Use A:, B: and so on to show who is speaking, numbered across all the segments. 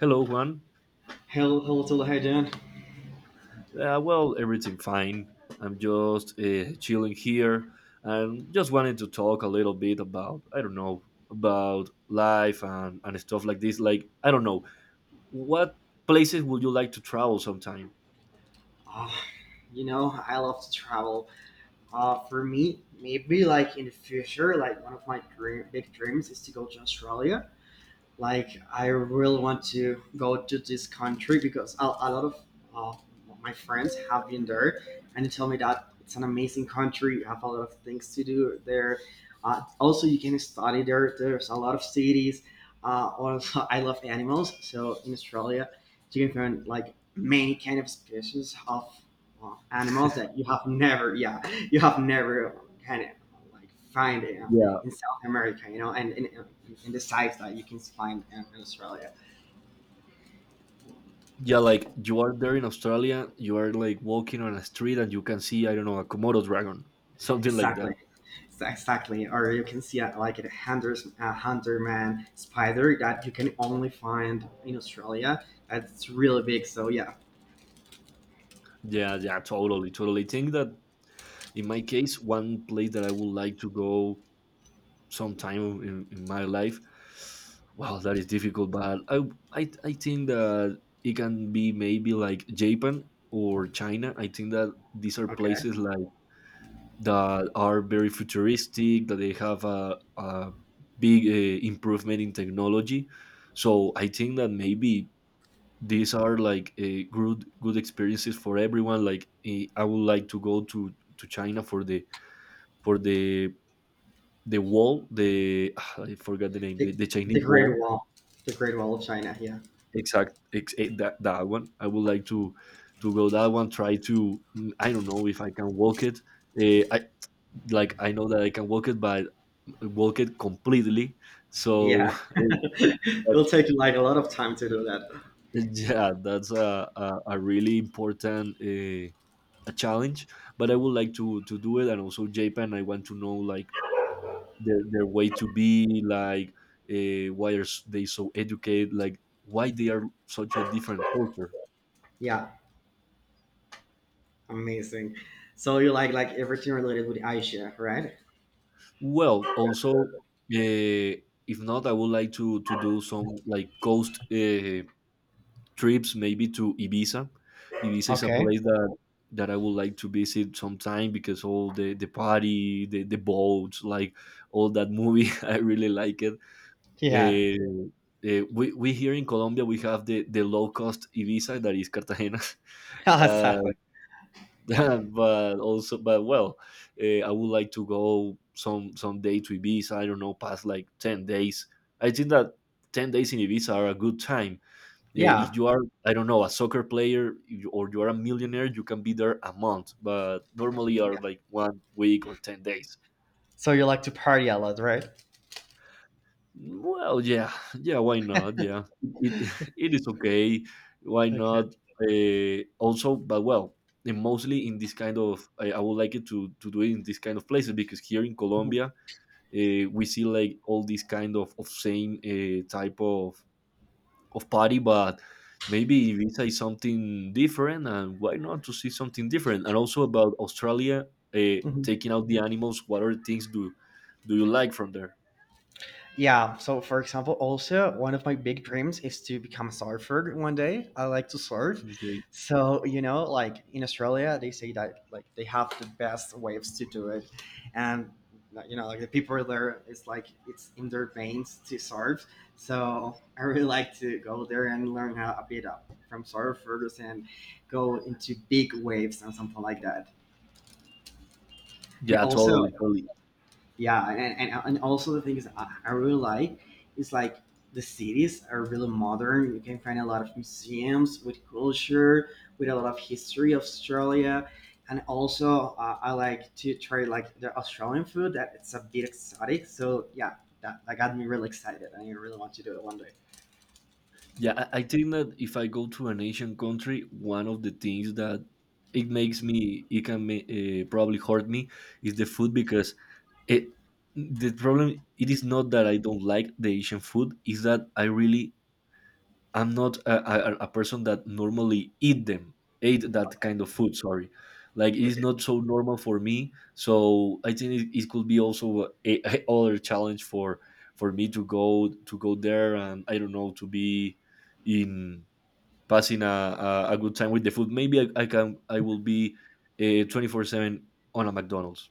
A: Hello, Juan.
B: Hello, hello, hello, hi, Dan. Doing?
A: Well, everything fine. I'm just chilling here and just wanted to talk a little bit about, I don't know, about life and stuff like this. Like, I don't know, what places would you like to travel sometime?
B: Uh, you know, I love to travel. For me, maybe like in the future, like one of my big dreams is to go to Australia. Like I really want to go to this country because a lot of uh, my friends have been there, and they tell me that it's an amazing country. You have a lot of things to do there. Also, you can study there. There's a lot of cities. Also, I love animals, so in Australia, you can find like many kind of species of animals that you have never, you have never kind of like find it
A: Yeah.
B: in South America, you know, and and the size that you can find in Australia.
A: Yeah, like you are there in Australia, you are like walking on a street and you can see, I don't know, a Komodo dragon, something like
B: Exactly,
A: that.
B: exactly. Or you can see like a hunterman spider that you can only find in Australia. That's really big. So yeah,
A: Yeah, yeah, totally, totally. Think that in my case, one place that I would like to go some time in my life, wow, that is difficult, but I think that it can be maybe like japan or china. I think that these are
B: okay.
A: places like that are very futuristic, that they have a big improvement in technology, so I think that maybe these are like a good experiences for everyone. Like I would like to go to china for the for the wall, the I forgot the name, the,
B: The,
A: the
B: the
A: Chinese wall.
B: Great Wall, the Great Wall of China. Yeah,
A: That that one. I would like to go that one. Try to I don't know if I can walk it. I, like, I know that I can walk it, but walk it completely. So
B: yeah.
A: eh, but,
B: It'll take you like a lot of time to do that.
A: yeah, that's a really important. A challenge, but I would like to do it. And also japan, I want to know like their way to be, like why are they so educated, like why they are such a different culture.
B: Yeah, amazing. So you like everything related with Asia, right?
A: Well, also, if not, I would like to do some like coast trips, maybe to Ibiza. Ibiza is a
B: Okay.
A: place that that I would like to visit sometime because all the party, the boats, like all that movie, I really like it.
B: Yeah.
A: Uh, we here in Colombia we have the low cost Ibiza that is Cartagena. uh,
B: exactly.
A: but also, but well, I would like to go some day to ibiza. I don't know, past like 10 days. I think that 10 days in ibiza are a good time. If
B: Yeah.
A: you are, I don't know, a soccer player, if or you are a millionaire, you can be there a month, but normally are like 1 week or 10 days.
B: So you like to party a lot, right?
A: Well, yeah, yeah. Why not? Yeah, it it is okay. Why
B: Okay.
A: not? Also, but well, and mostly in this kind of, I would like it to do it in this kind of places, because here in
B: Mhm.
A: Colombia, we see like all these kind of same type of party, but maybe Ibiza is something different, and why not to see something different? And also about Australia,
B: Mhm.
A: taking out the animals. What other things do do you like from there?
B: Yeah. So for example, also one of my big dreams is to become a surfer one day. I like to surf.
A: Okay.
B: So, you know, like in Australia, they say that like they have the best waves to do it. And like, you know, like the people there, it's like it's in their veins to surf. So I really like to go there and learn how a bit up from surfers and go into big waves and something like that. And
A: Yeah, totally,
B: also
A: totally.
B: yeah, and also the thing is I really like is like the cities are really modern. You can find a lot of museums with culture, with a lot of history of Australia. And also I like to try like the Australian food that it's a bit exotic. So yeah, that got me really excited, and I really want to do it one day.
A: Yeah, I think that if I go to an Asian country, one of the things that it makes me, it can probably hurt me, is the food. Because it, the problem it is not that I don't like the Asian food, is that I really I'm not a person that normally eat them, ate that
B: Okay.
A: kind of food. Sorry, like it is
B: Okay.
A: not so normal for me. So I think it, it could be also a other challenge for me to go there, and I don't know, to be in passing a good time with the food. Maybe I can I will be 24/7 on a McDonald's.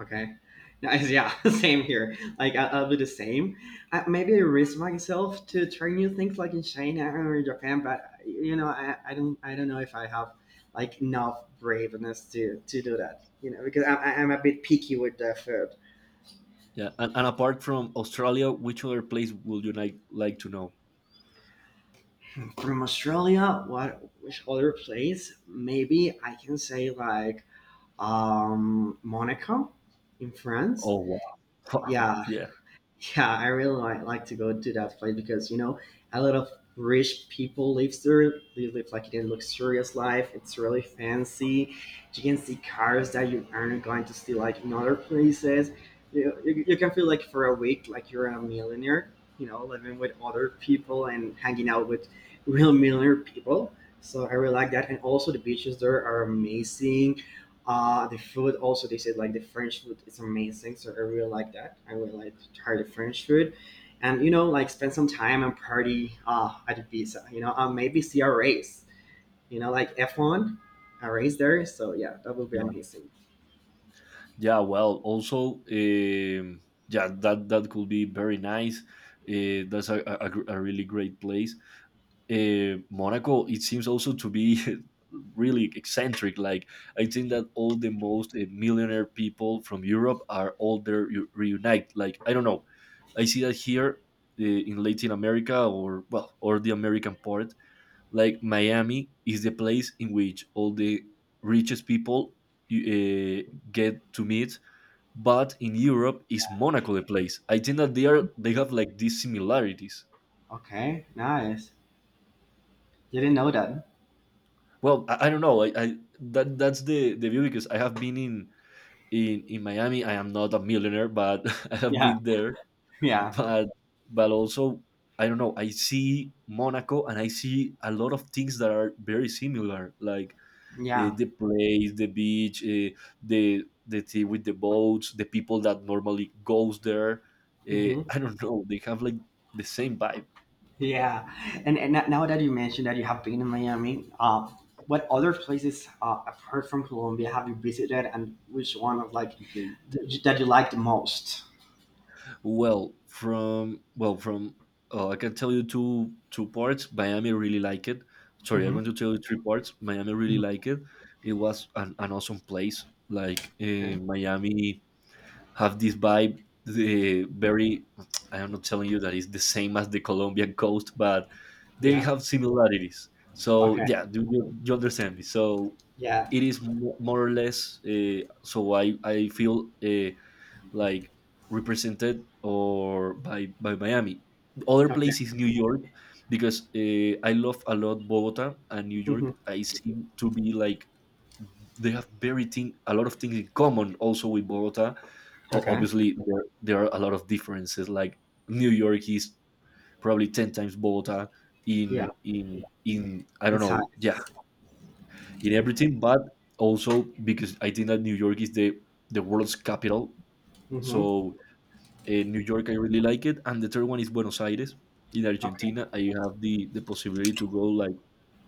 B: Okay. Nice. Yeah. Same here. Like I'll do the same. I, maybe I risk myself to try new things like in China or Japan, but you know, I don't know if I have like enough braveness to do that. You know, because I'm a bit picky with the food.
A: Yeah, and apart from Australia, which other place would you like to know?
B: From Australia, what which other place? Maybe I can say like Monaco in France.
A: Oh, wow,
B: Yeah,
A: yeah,
B: yeah, I really like to go to that place because you know a lot of rich people live there. They live like in a luxurious life. It's really fancy. You can see cars that you aren't going to see like in other places. You can feel like for a week like you're a millionaire. You know, living with other people and hanging out with real millionaire people. So I really like that. And also the beaches there are amazing. Uh, the food also, they said like the French food is amazing, so I really like that. I really like to try the French food, and you know, like spend some time and party at Ibiza. You know, maybe see a race. You know, like F one, a race there. So yeah, that would be
A: yeah,
B: amazing.
A: yeah. Well, also, yeah, that that could be very nice. That's a really great place. Monaco, it seems also to be really eccentric. Like I think that all the most millionaire people from Europe are all there reunite. Like, I don't know, I see that here in Latin America, or well, or the American part. Like Miami is the place in which all the richest people uh, get to meet. But in Europe, is Monaco the place? I think that they are they have like these similarities.
B: Okay, nice. Didn't know that.
A: Well, I don't know. I that that's the view, because I have been in in Miami. I am not a millionaire, but I have
B: Yeah,
A: been there.
B: yeah,
A: But but also I don't know. I see Monaco and I see a lot of things that are very similar, like
B: yeah.
A: the place, the beach, the tea with the boats, the people that normally goes there.
B: Hmm.
A: I don't know. They have like the same vibe.
B: Yeah, and, now that you mentioned that you have been in Miami, what other places apart from Colombia have you visited, and which one of like
A: Okay?
B: that you like the most?
A: Well, from I can tell you two parts. Miami really like it. Sorry, I'm going to
B: Hmm.
A: tell you three parts. Miami really like it. It was an awesome place. Like Miami have this vibe. The very I am not telling you that it's the same as the Colombian coast, but they
B: Yeah.
A: have similarities. So,
B: Okay.
A: yeah, do you, you understand me? So
B: Yeah.
A: it is more or less. So I feel. Like, represented or by Miami. Other
B: Okay.
A: place is New York, because I love a lot Bogota and New
B: Hmm.
A: York. I seem to be like they have very thing a lot of things in common also with Bogota.
B: Okay.
A: Obviously, there are a lot of differences. Like New York is probably 10 times Bogota
B: Yeah.
A: in, I don't know, yeah,
B: Insights.
A: in everything. But also because I think that New York is the world's capital,
B: Hmm.
A: so New York, I really like it. And the third one is Buenos Aires in
B: Okay.
A: Argentina. I have the possibility to go, like,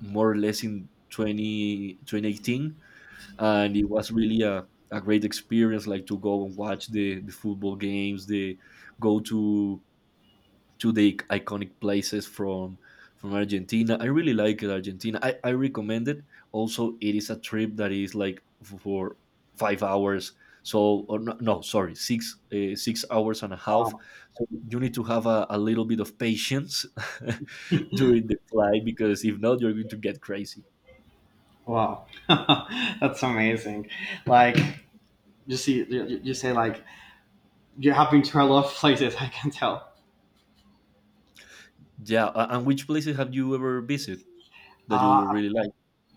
A: more or less in 20 2018, and it was really a great experience. Like, to go and watch the football games, the go to the iconic places from Argentina. I really like it, Argentina. I recommend it. Also, it is a trip that is like for 5 hours. So, or no, no, sorry, six 6 hours and a half.
B: Wow.
A: So you need to have a little bit of patience during the flight, because if not, you're going to get crazy.
B: Wow. That's amazing. Like you see, you say like you have been to a lot of places. I can tell.
A: Yeah, and which places have you ever visited that you
B: Uh,
A: really like?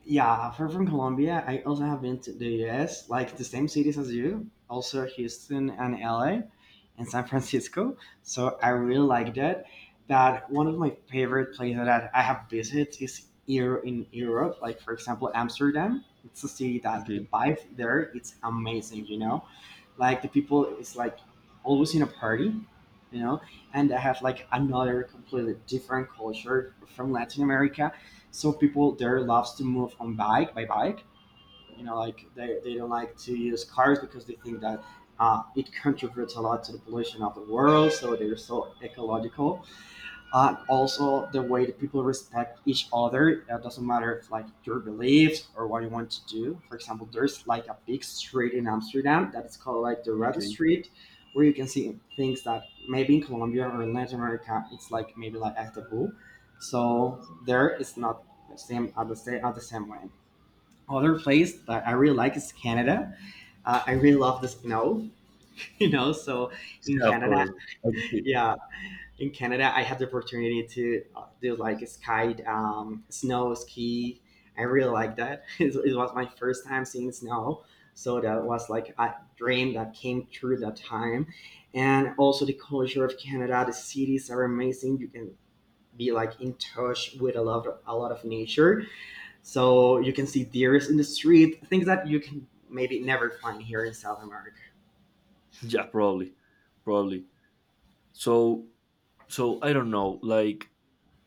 B: Yeah, for from Colombia, I also have been to the US, like the same cities as you, also Houston and LA and San Francisco. So I really like that. That one of my favorite places that I have visited is here in Europe, like for example Amsterdam. It's a city that the
A: Okay,
B: vibe there it's amazing, you know. Like the people is like always in a party, you know, and I have like another completely different culture from Latin America, so people there loves to move on bike by bike. You know, like they don't like to use cars because they think that it contributes a lot to the pollution of the world. So they're so ecological, and also the way that people respect each other. It doesn't matter if like your beliefs or what you want to do. For example, there's like a big street in Amsterdam that is called like the Red
A: okay,
B: Street, where you can see things that maybe in Colombia or in Latin America it's like maybe like a taboo. So there it's not the same at the same at the same way. Other place that I really like is Canada. I really love the snow, you know. So in
A: yeah, of
B: Canada,
A: course. Okay.
B: yeah, in Canada, I had the opportunity to do like a sky, snow ski. I really like that. It was my first time seeing snow, so that was like a dream that came true that time. And also the culture of Canada, the cities are amazing. You can be like in touch with a lot a lot of nature, so you can see deers in the street, things that you can maybe never find here in South America.
A: Yeah, probably, probably. So, so I don't know, like,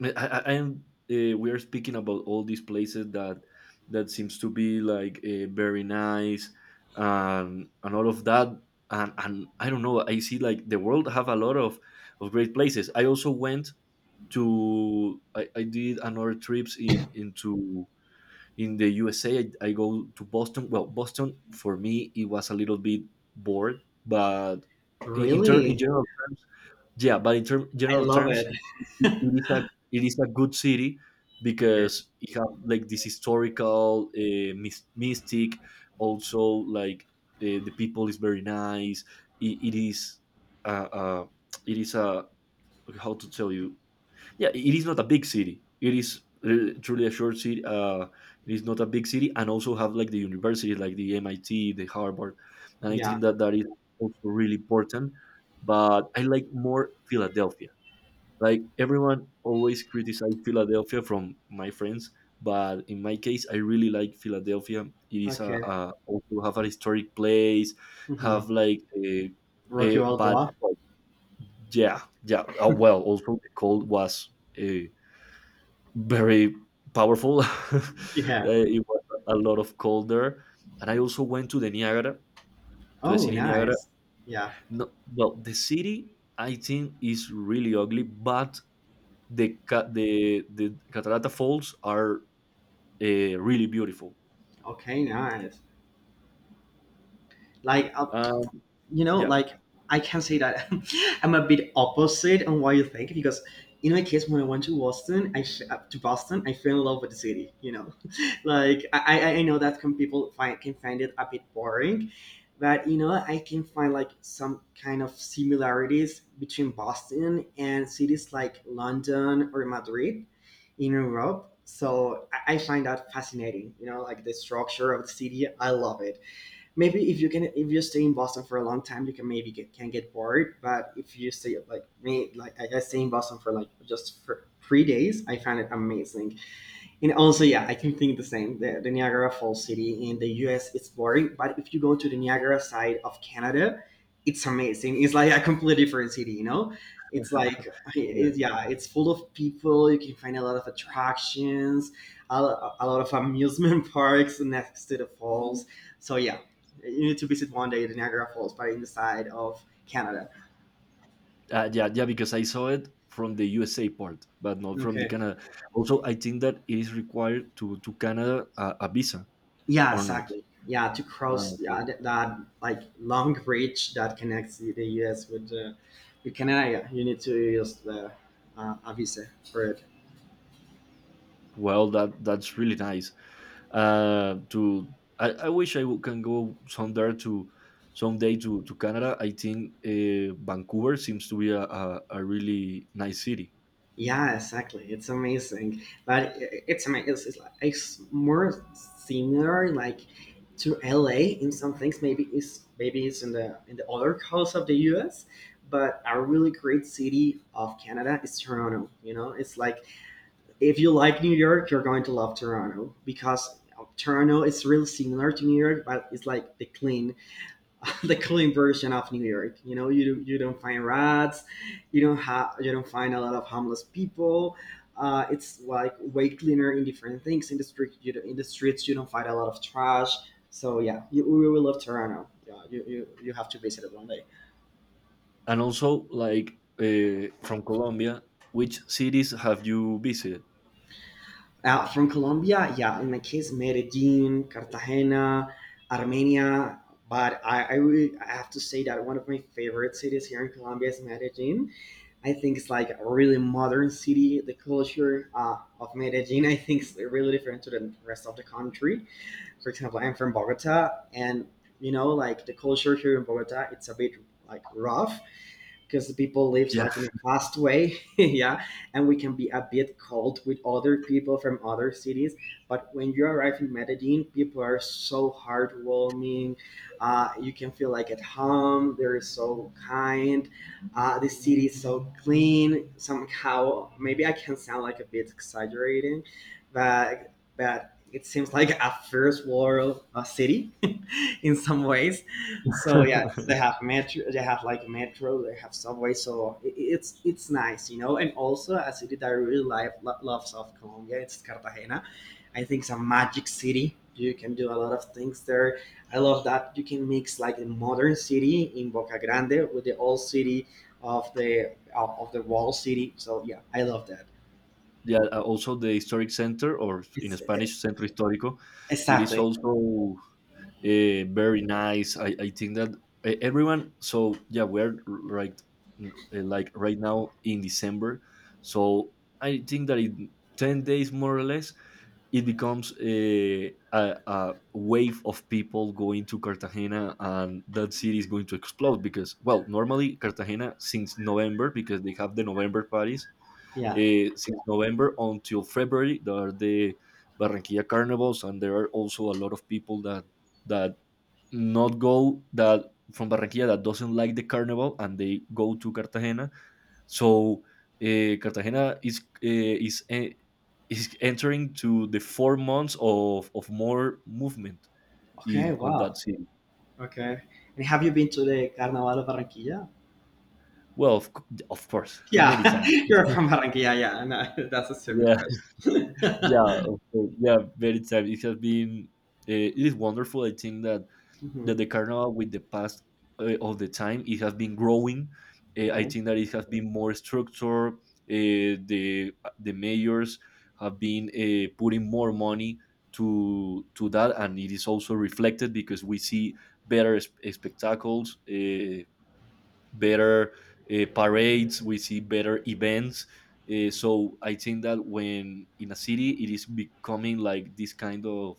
A: i, I'm we are speaking about all these places that that seems to be like very nice, and all of that, and I don't know, I see like the world have a lot of great places. I also went to I did another trips in into in the usa. I go to boston. Well, boston for me it was a little bit bored, but in in
B: Really,
A: general terms, yeah, but in
B: I
A: general
B: love
A: terms,
B: it.
A: it is a it is a good city,
B: Okay.
A: because it have like this historical mystic. Also, like, the people is very nice. It is uh it is a, how to tell you, yeah, it is not a big city. It is truly a short city. It is not a big city, and also have like the universities, like the mit, the harvard. And I
B: Yeah.
A: think that that is also really important. But I like more philadelphia. Like, everyone always criticize philadelphia from my friends, but in my case I really like philadelphia. It is
B: Okay.
A: a also have a historic place. Have
B: Mhm.
A: like
B: Rocky
A: a, but
B: Balboa.
A: yeah, yeah, well, also the cold was uh, very powerful.
B: Yeah.
A: It was a lot of cold there. And I also went to the Niagara, to the
B: Oh,
A: city Niagara.
B: nice. Yeah.
A: No, well, the city I think is really ugly, but the the Catarata Falls are really beautiful.
B: Okay, nice. Like,
A: Um,
B: you know,
A: yeah,
B: like I can say that I'm a bit opposite on what you think because in my case, when I went to Boston, to Boston, I fell in love with the city. You know, like I I know that some people find can find it a bit boring, but you know I can find like some kind of similarities between Boston and cities like London or Madrid in Europe. So I find that fascinating. You know, like the structure of the city, I love it. Maybe if you stay in Boston for a long time, you can maybe can get bored. But if you stay like me, like I stay in Boston for like just for 3 days, I found it amazing. And also, yeah, I can think the same. The Niagara Falls City in the US is boring, but if you go to the Niagara side of Canada, it's amazing. It's like a completely different city, you know? It's like,
A: yeah,
B: yeah, it's full of people. You can find a lot of attractions, a lot of amusement parks next to the falls. So, yeah, you need to visit one day the Niagara Falls, but in the side of Canada.
A: yeah, yeah. Because I saw it from the USA part, but not from the
B: Okay.
A: Canada. Also, I think that it is required to Canada a visa
B: Yeah,
A: or not.
B: exactly. Yeah, to
A: Uh,
B: cross yeah, that like long bridge that connects the US with Canada. Yeah, you need to use the a visa for it.
A: well, that that's really nice. To I wish I can go somewhere to someday to Canada. I think Vancouver seems to be a really nice city.
B: Yeah, exactly. It's amazing, but it's amazing. It's more similar like to LA in some things. Maybe it's in the other coast of the US, but a really great city of Canada is Toronto. You know, it's like if you like New York, you're going to love Toronto because Toronto is really similar to New York, but it's like the clean, the clean version of New York. You know, you don't find rats, you don't find a lot of homeless people. It's like way cleaner in different things in the street. You don't, in the streets you don't find a lot of trash. So yeah, we will love Toronto. Yeah, you you have to visit it one day.
A: And also, like, from Colombia, which cities have you visited?
B: From Colombia, yeah, in my case, Medellin, Cartagena, Armenia. But I really I have to say that one of my favorite cities here in Colombia is Medellin. I think it's like a really modern city. The culture of Medellin, I think, is really different to the rest of the country. For example, I'm from Bogota, and like the culture here in Bogota, it's a bit like rough because people lives
A: Yeah.
B: like in a fast way yeah and we can be a bit cold with other people from other cities. But when you arrive in Medellin, people are so heartwarming. You can feel like at home. They're so kind. The city is so clean somehow. Maybe I can sound like a bit exaggerating, but it seems like a first world city in some ways. So yeah, they have metro, they have like metro, they have subway. So it's nice. And also a city that I really like, love South Colombia. It's Cartagena. I think it's a magic city. You can do a lot of things there. I love that you can mix like the modern city in Boca Grande with the old city of the wall city. So yeah, I love that.
A: Yeah, also the historic center, or in
B: It's e,
A: Spanish, Centro Histórico. It is
B: exactly.
A: also very nice. I think that everyone. So yeah, we're right uh, like right now in December. So I think that in 10 days more or less, it becomes a wave of people going to Cartagena, and that city is going to explode because, well, normally Cartagena since November because they have the November parties.
B: Yeah.
A: Since November until February, there are the Barranquilla carnivals, and there are also a lot of people that that not go that from Barranquilla that doesn't like the carnival and they go to Cartagena. So, Cartagena is is entering to the 4 months of more movement
B: Okay,
A: in on that
B: wow.
A: city.
B: Okay. And have you been to the Carnaval of Barranquilla?
A: Well, of course, many
B: Yeah,
A: times.
B: you're from Barranquilla. Yeah, yeah. No, that's a stupid
A: Yeah,
B: question.
A: yeah, of course. Yeah, very time. It has been. It is wonderful. I think that
B: Mhm,
A: the carnival with the past of the time it has been growing, I
B: mhm.
A: think that it has been more structured. The mayors have been putting more money to that, and it is also reflected because we see better spectacles, better parades, we see better events. So I think that when in a city it is becoming like this kind of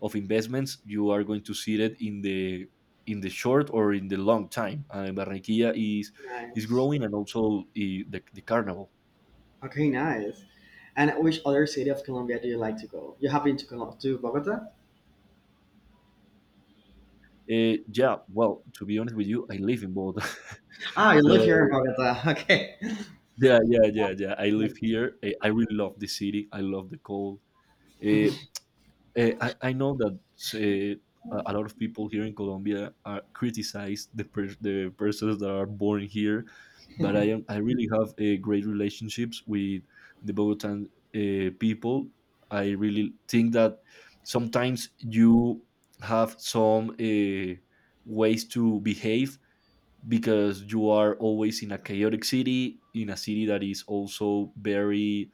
A: investments, you are going to see that in the short or in the long time. Barranquilla is
B: Nice.
A: growing, and also, eh, the carnival.
B: Okay, nice. And which other city of Colombia do you like to go? You have been to to Bogota?
A: Yeah, well, to be honest with you, I live in Bogota,
B: Ah, you live here in
A: so
B: Bogota. Okay.
A: yeah, yeah, yeah, yeah. I live
B: Okay.
A: here. I really love the city. I love the cold.
B: Mhm.
A: Uh, I know that a lot of people here in Colombia are criticize the the persons that are born here, but I really have great relationships with the Bogotan people. I really think that sometimes you have some, ways to behave because you are always in a chaotic city, in a city that is also very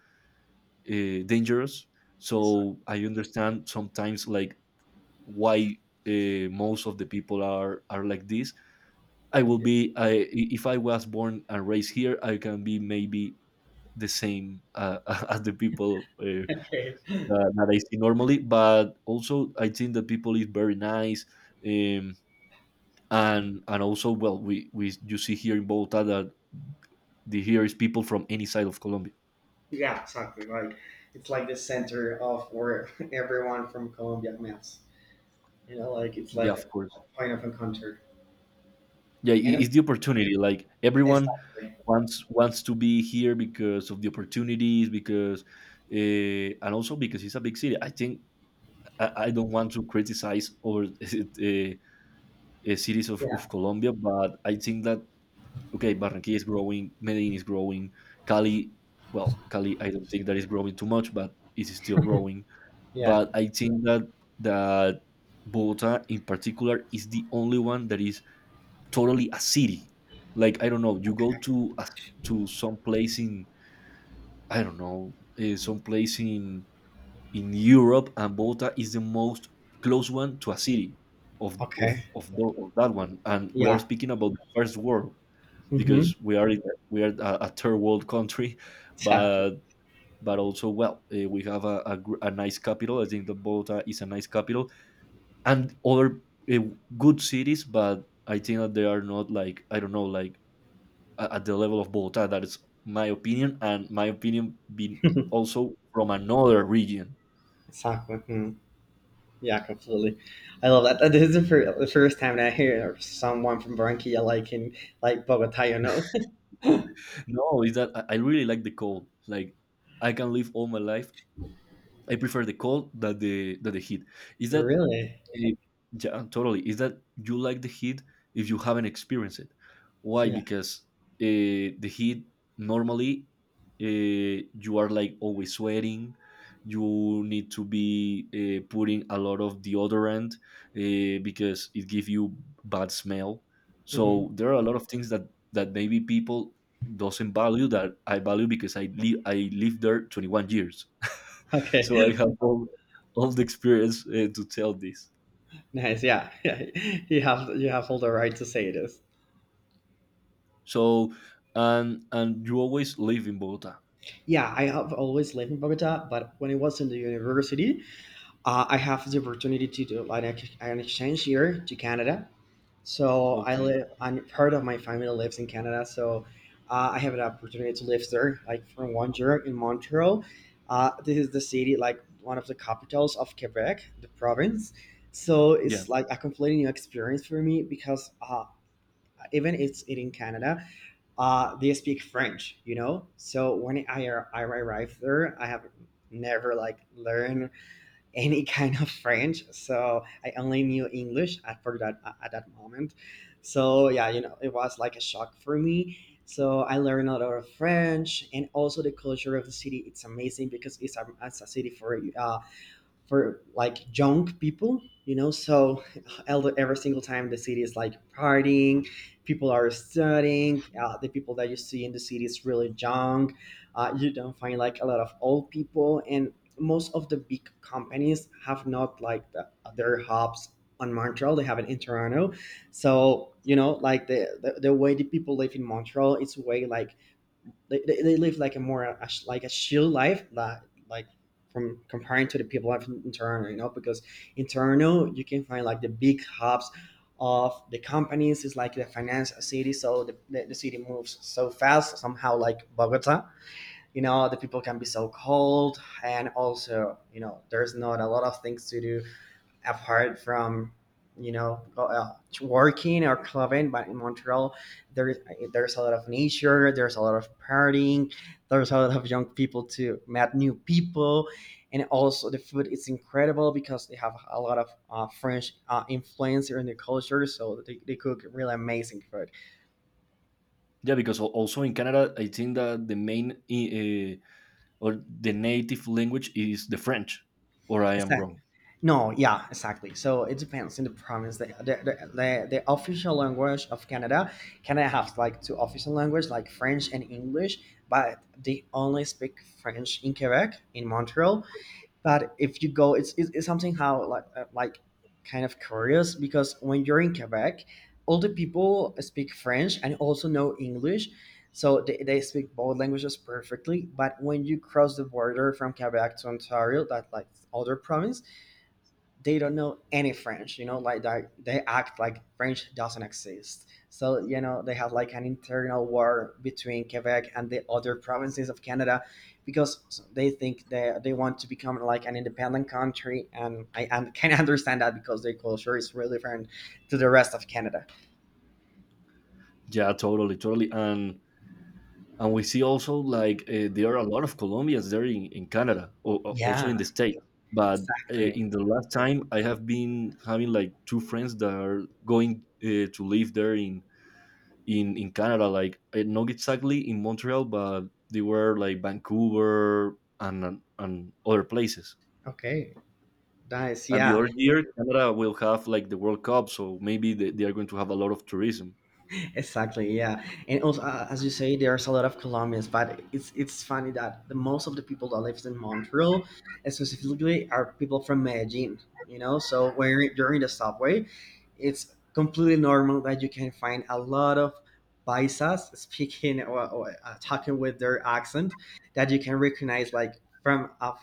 A: dangerous.
B: Exactly.
A: So I understand sometimes, like, why most of the people are like this. I will be I, if I was born and raised here, I can be maybe the same, as the people,
B: Okay.
A: that I see normally, but also I think that people is very nice, um, and also, well, we you see here in Bogota that the here is people from any side of Colombia.
B: Yeah, exactly. Like it's like the center of where everyone from Colombia meets. Like it's
A: Yeah,
B: like
A: of
B: a
A: course.
B: point of encounter.
A: Yeah, I-
B: And it-
A: it's the opportunity, like everyone
B: exactly.
A: wants to be here because of the opportunities, because, and also because it's a big city. I think, I don't want to criticize, or cities of
B: Yeah.
A: Colombia, but I think that, okay, Barranquilla is growing, Medellin is growing, Cali, well, Cali I don't think that is growing too much, but it is still growing.
B: Yeah.
A: But I think that that Bogota in particular is the only one that is totally a city. Like, I don't know, you go to a, to some place in, I don't know, some place in Europe, and Bogota is the most close one to a city of
B: Okay.
A: of that one. And we are
B: Yeah.
A: speaking about the first world,
B: Mm-hmm.
A: because we are in, we are a third world country,
B: Exactly.
A: but also, well, we have a, a nice capital. I think that Bogota is a nice capital, and other uh, good cities, but I think that they are not like, I don't know, like at the level of Bogota. That is my opinion, and my opinion being also from another region.
B: Exactly. Hmm. Yeah, completely. I love that. This is the the first time that I hear someone from Barranquilla liking like Bogota, you know?
A: No, is that I really like the cold. Like, I can live all my life. I prefer the cold than the heat. Is that,
B: Really?
A: eh, yeah, totally. Is that you like the heat if you haven't experienced it? Why?
B: Yeah.
A: Because, uh, the heat normally, uh, you are, like, always sweating. You need to be, putting a lot of deodorant, because it gives you bad smell.
B: Hmm.
A: So there are a lot of things that maybe people doesn't value, that I value, because I lived there 21 years,
B: Okay.
A: so I have all the experience, to tell this.
B: Nice. Yeah. Yeah. You have all the right to say this.
A: So, and you always live in Bogota.
B: Yeah, I have always lived in Bogota, but when I was in the university, I have the opportunity to do like an exchange year to Canada. So I
A: Okay.
B: live, and part of my family lives in Canada. So I have an opportunity to live there, like for 1 year in Montreal. This is the city, like one of the capitals of Quebec, the province. So
A: Yeah.
B: it's like a completely new experience for me because even it's it in Canada, they speak French. So when I arrived there, I have never like learned any kind of French, so I only knew English at for that at that moment. So yeah, it was like a shock for me. So I learned a lot of French, and also the culture of the city. It's amazing because it's a city for like young people so every single time the city is like partying. People are studying. The people that you see in the city is really young. You don't find like a lot of old people, and most of the big companies have not like their hubs on Montreal. They have it in Toronto. So like the way the people live in Montreal, it's way like they live like a more like a chill life that like from comparing to the people life in Toronto, because in Toronto you can find like the big hubs of the companies. It's like the finance city. So the city moves so fast somehow like Bogota. The people can be so cold. And also, there's not a lot of things to do apart from you know go- uh, working or clubbing. But in Montreal there is there's a lot of nature. There's a lot of partying. There's a lot of young people to met new people. And also the food is incredible because they have a lot of French influence in the culture. So they cook really amazing food.
A: Yeah, because also in Canada, I think that the main, or the native language is the French, or I am wrong.
B: No, yeah, exactly. So it depends in the province. The official language of Canada, Canada has like two official languages, like French and English, but they only speak French in Quebec, in Montreal. But if you go, it's something how like kind of curious because when you're in Quebec, all the people speak French and also know English. So they speak both languages perfectly. But when you cross the border from Quebec to Ontario, that like other province, they don't know any French, like they act like French doesn't exist. So, they have like an internal war between Quebec and the other provinces of Canada because they think they want to become like an independent country. And I and can understand that because their culture is really different to the rest of Canada.
A: Yeah, totally, totally. And we see also, like, there are a lot of Colombians there in Canada, or, also
B: Yeah,
A: in the States. But,
B: exactly.
A: in the last time, I have been having like two friends that are going, to live there in Canada. Like, eh, not exactly in Montreal, but they were like Vancouver and other places.
B: Okay, nice.
A: And the
B: Yeah,
A: other year, Canada will have like the World Cup, so maybe they are going to have a lot of tourism.
B: exactly, yeah. And also, as you say, there's a lot of Colombians, but it's funny that the most of the people that lives in Montreal, specifically, are people from Medellin. So when you're in the subway, it's completely normal that you can find a lot of paisas speaking or talking with their accent that you can recognize like from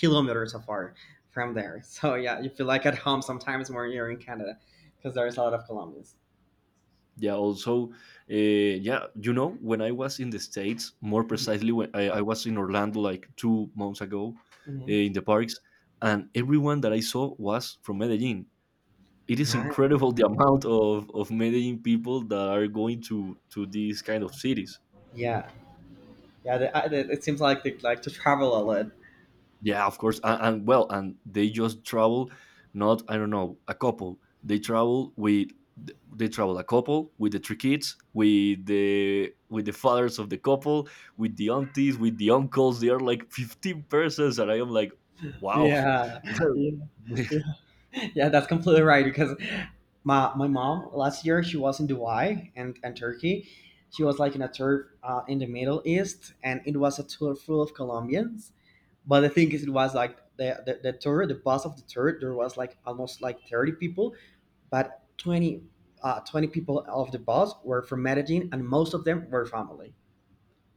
B: kilometers afar from there. So yeah, you feel like at home sometimes when you're in Canada because there's a lot of Colombians.
A: Yeah. Also, yeah, you know, when I was in the states, more
B: Mhm.
A: precisely when I was in Orlando like 2 months ago,
B: Mhm.
A: in the parks, and everyone that I saw was from Medellin. It is
B: Yeah,
A: incredible the amount of Medellin people that are going to these kind of cities.
B: yeah, yeah. It seems like they like to travel a lot.
A: Yeah, of course. And, well, and they just travel, not, I don't know, a couple. They travel with they travel a couple with the three kids, with the fathers of the couple, with the aunties, with the uncles. They are like 15 persons, and I am like, wow.
B: Yeah, yeah,
A: Yeah,
B: yeah. Yeah, that's completely right. Because my mom last year, she was in Dubai and Turkey. She was like in a tour in the Middle East, and it was a tour full of Colombians. But the thing is, it was like the tour, the bus of the tour. There was like almost like 30 people, but 20, 20 people of the bus were from Medellin, and most of them were family.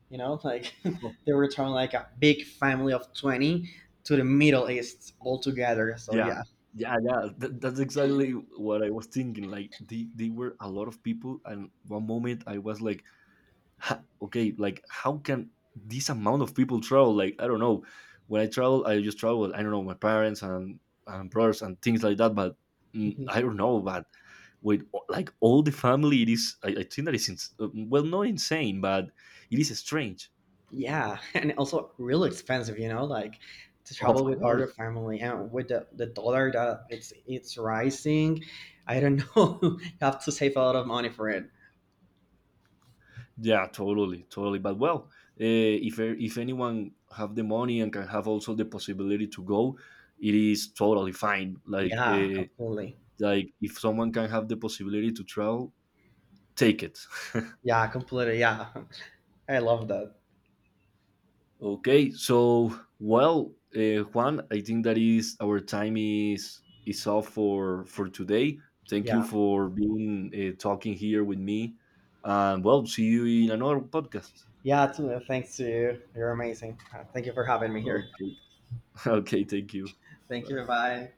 B: Like they were from like a big family of 20 to the Middle East all together. So yeah.
A: yeah, yeah. That's exactly what I was thinking, like, they were a lot of people, and one moment I was like, ha, okay, like, how can this amount of people travel? Like, I don't know. When I travel, I just travel. I don't know my parents and brothers and things like that. But, mm,
B: Mhm.
A: I don't know. But with like all the family, it is. I think that is well, not insane, but it is strange.
B: Yeah, and also real expensive, like to
A: Of
B: travel with all
A: course.
B: your family and with the dollar that it's rising. I don't know. You have to save a lot of money for it.
A: Yeah, totally, totally. But, well, uh, if e, if anyone have the money and can have also the possibility to go, it is totally fine. Like,
B: Yeah, completely.
A: like, if someone can have the possibility to travel, take it.
B: Yeah, completely. Yeah. I love that.
A: Okay, so, well, Juan, I think that is our time, is all for today. Thank you
B: Yeah.
A: for being, talking here with me, and, well, see you in another podcast.
B: Yeah, too. Thanks to you. You're amazing. Thank you for having me here.
A: Okay, okay, thank you.
B: Thank
A: Bye.
B: you. Bye.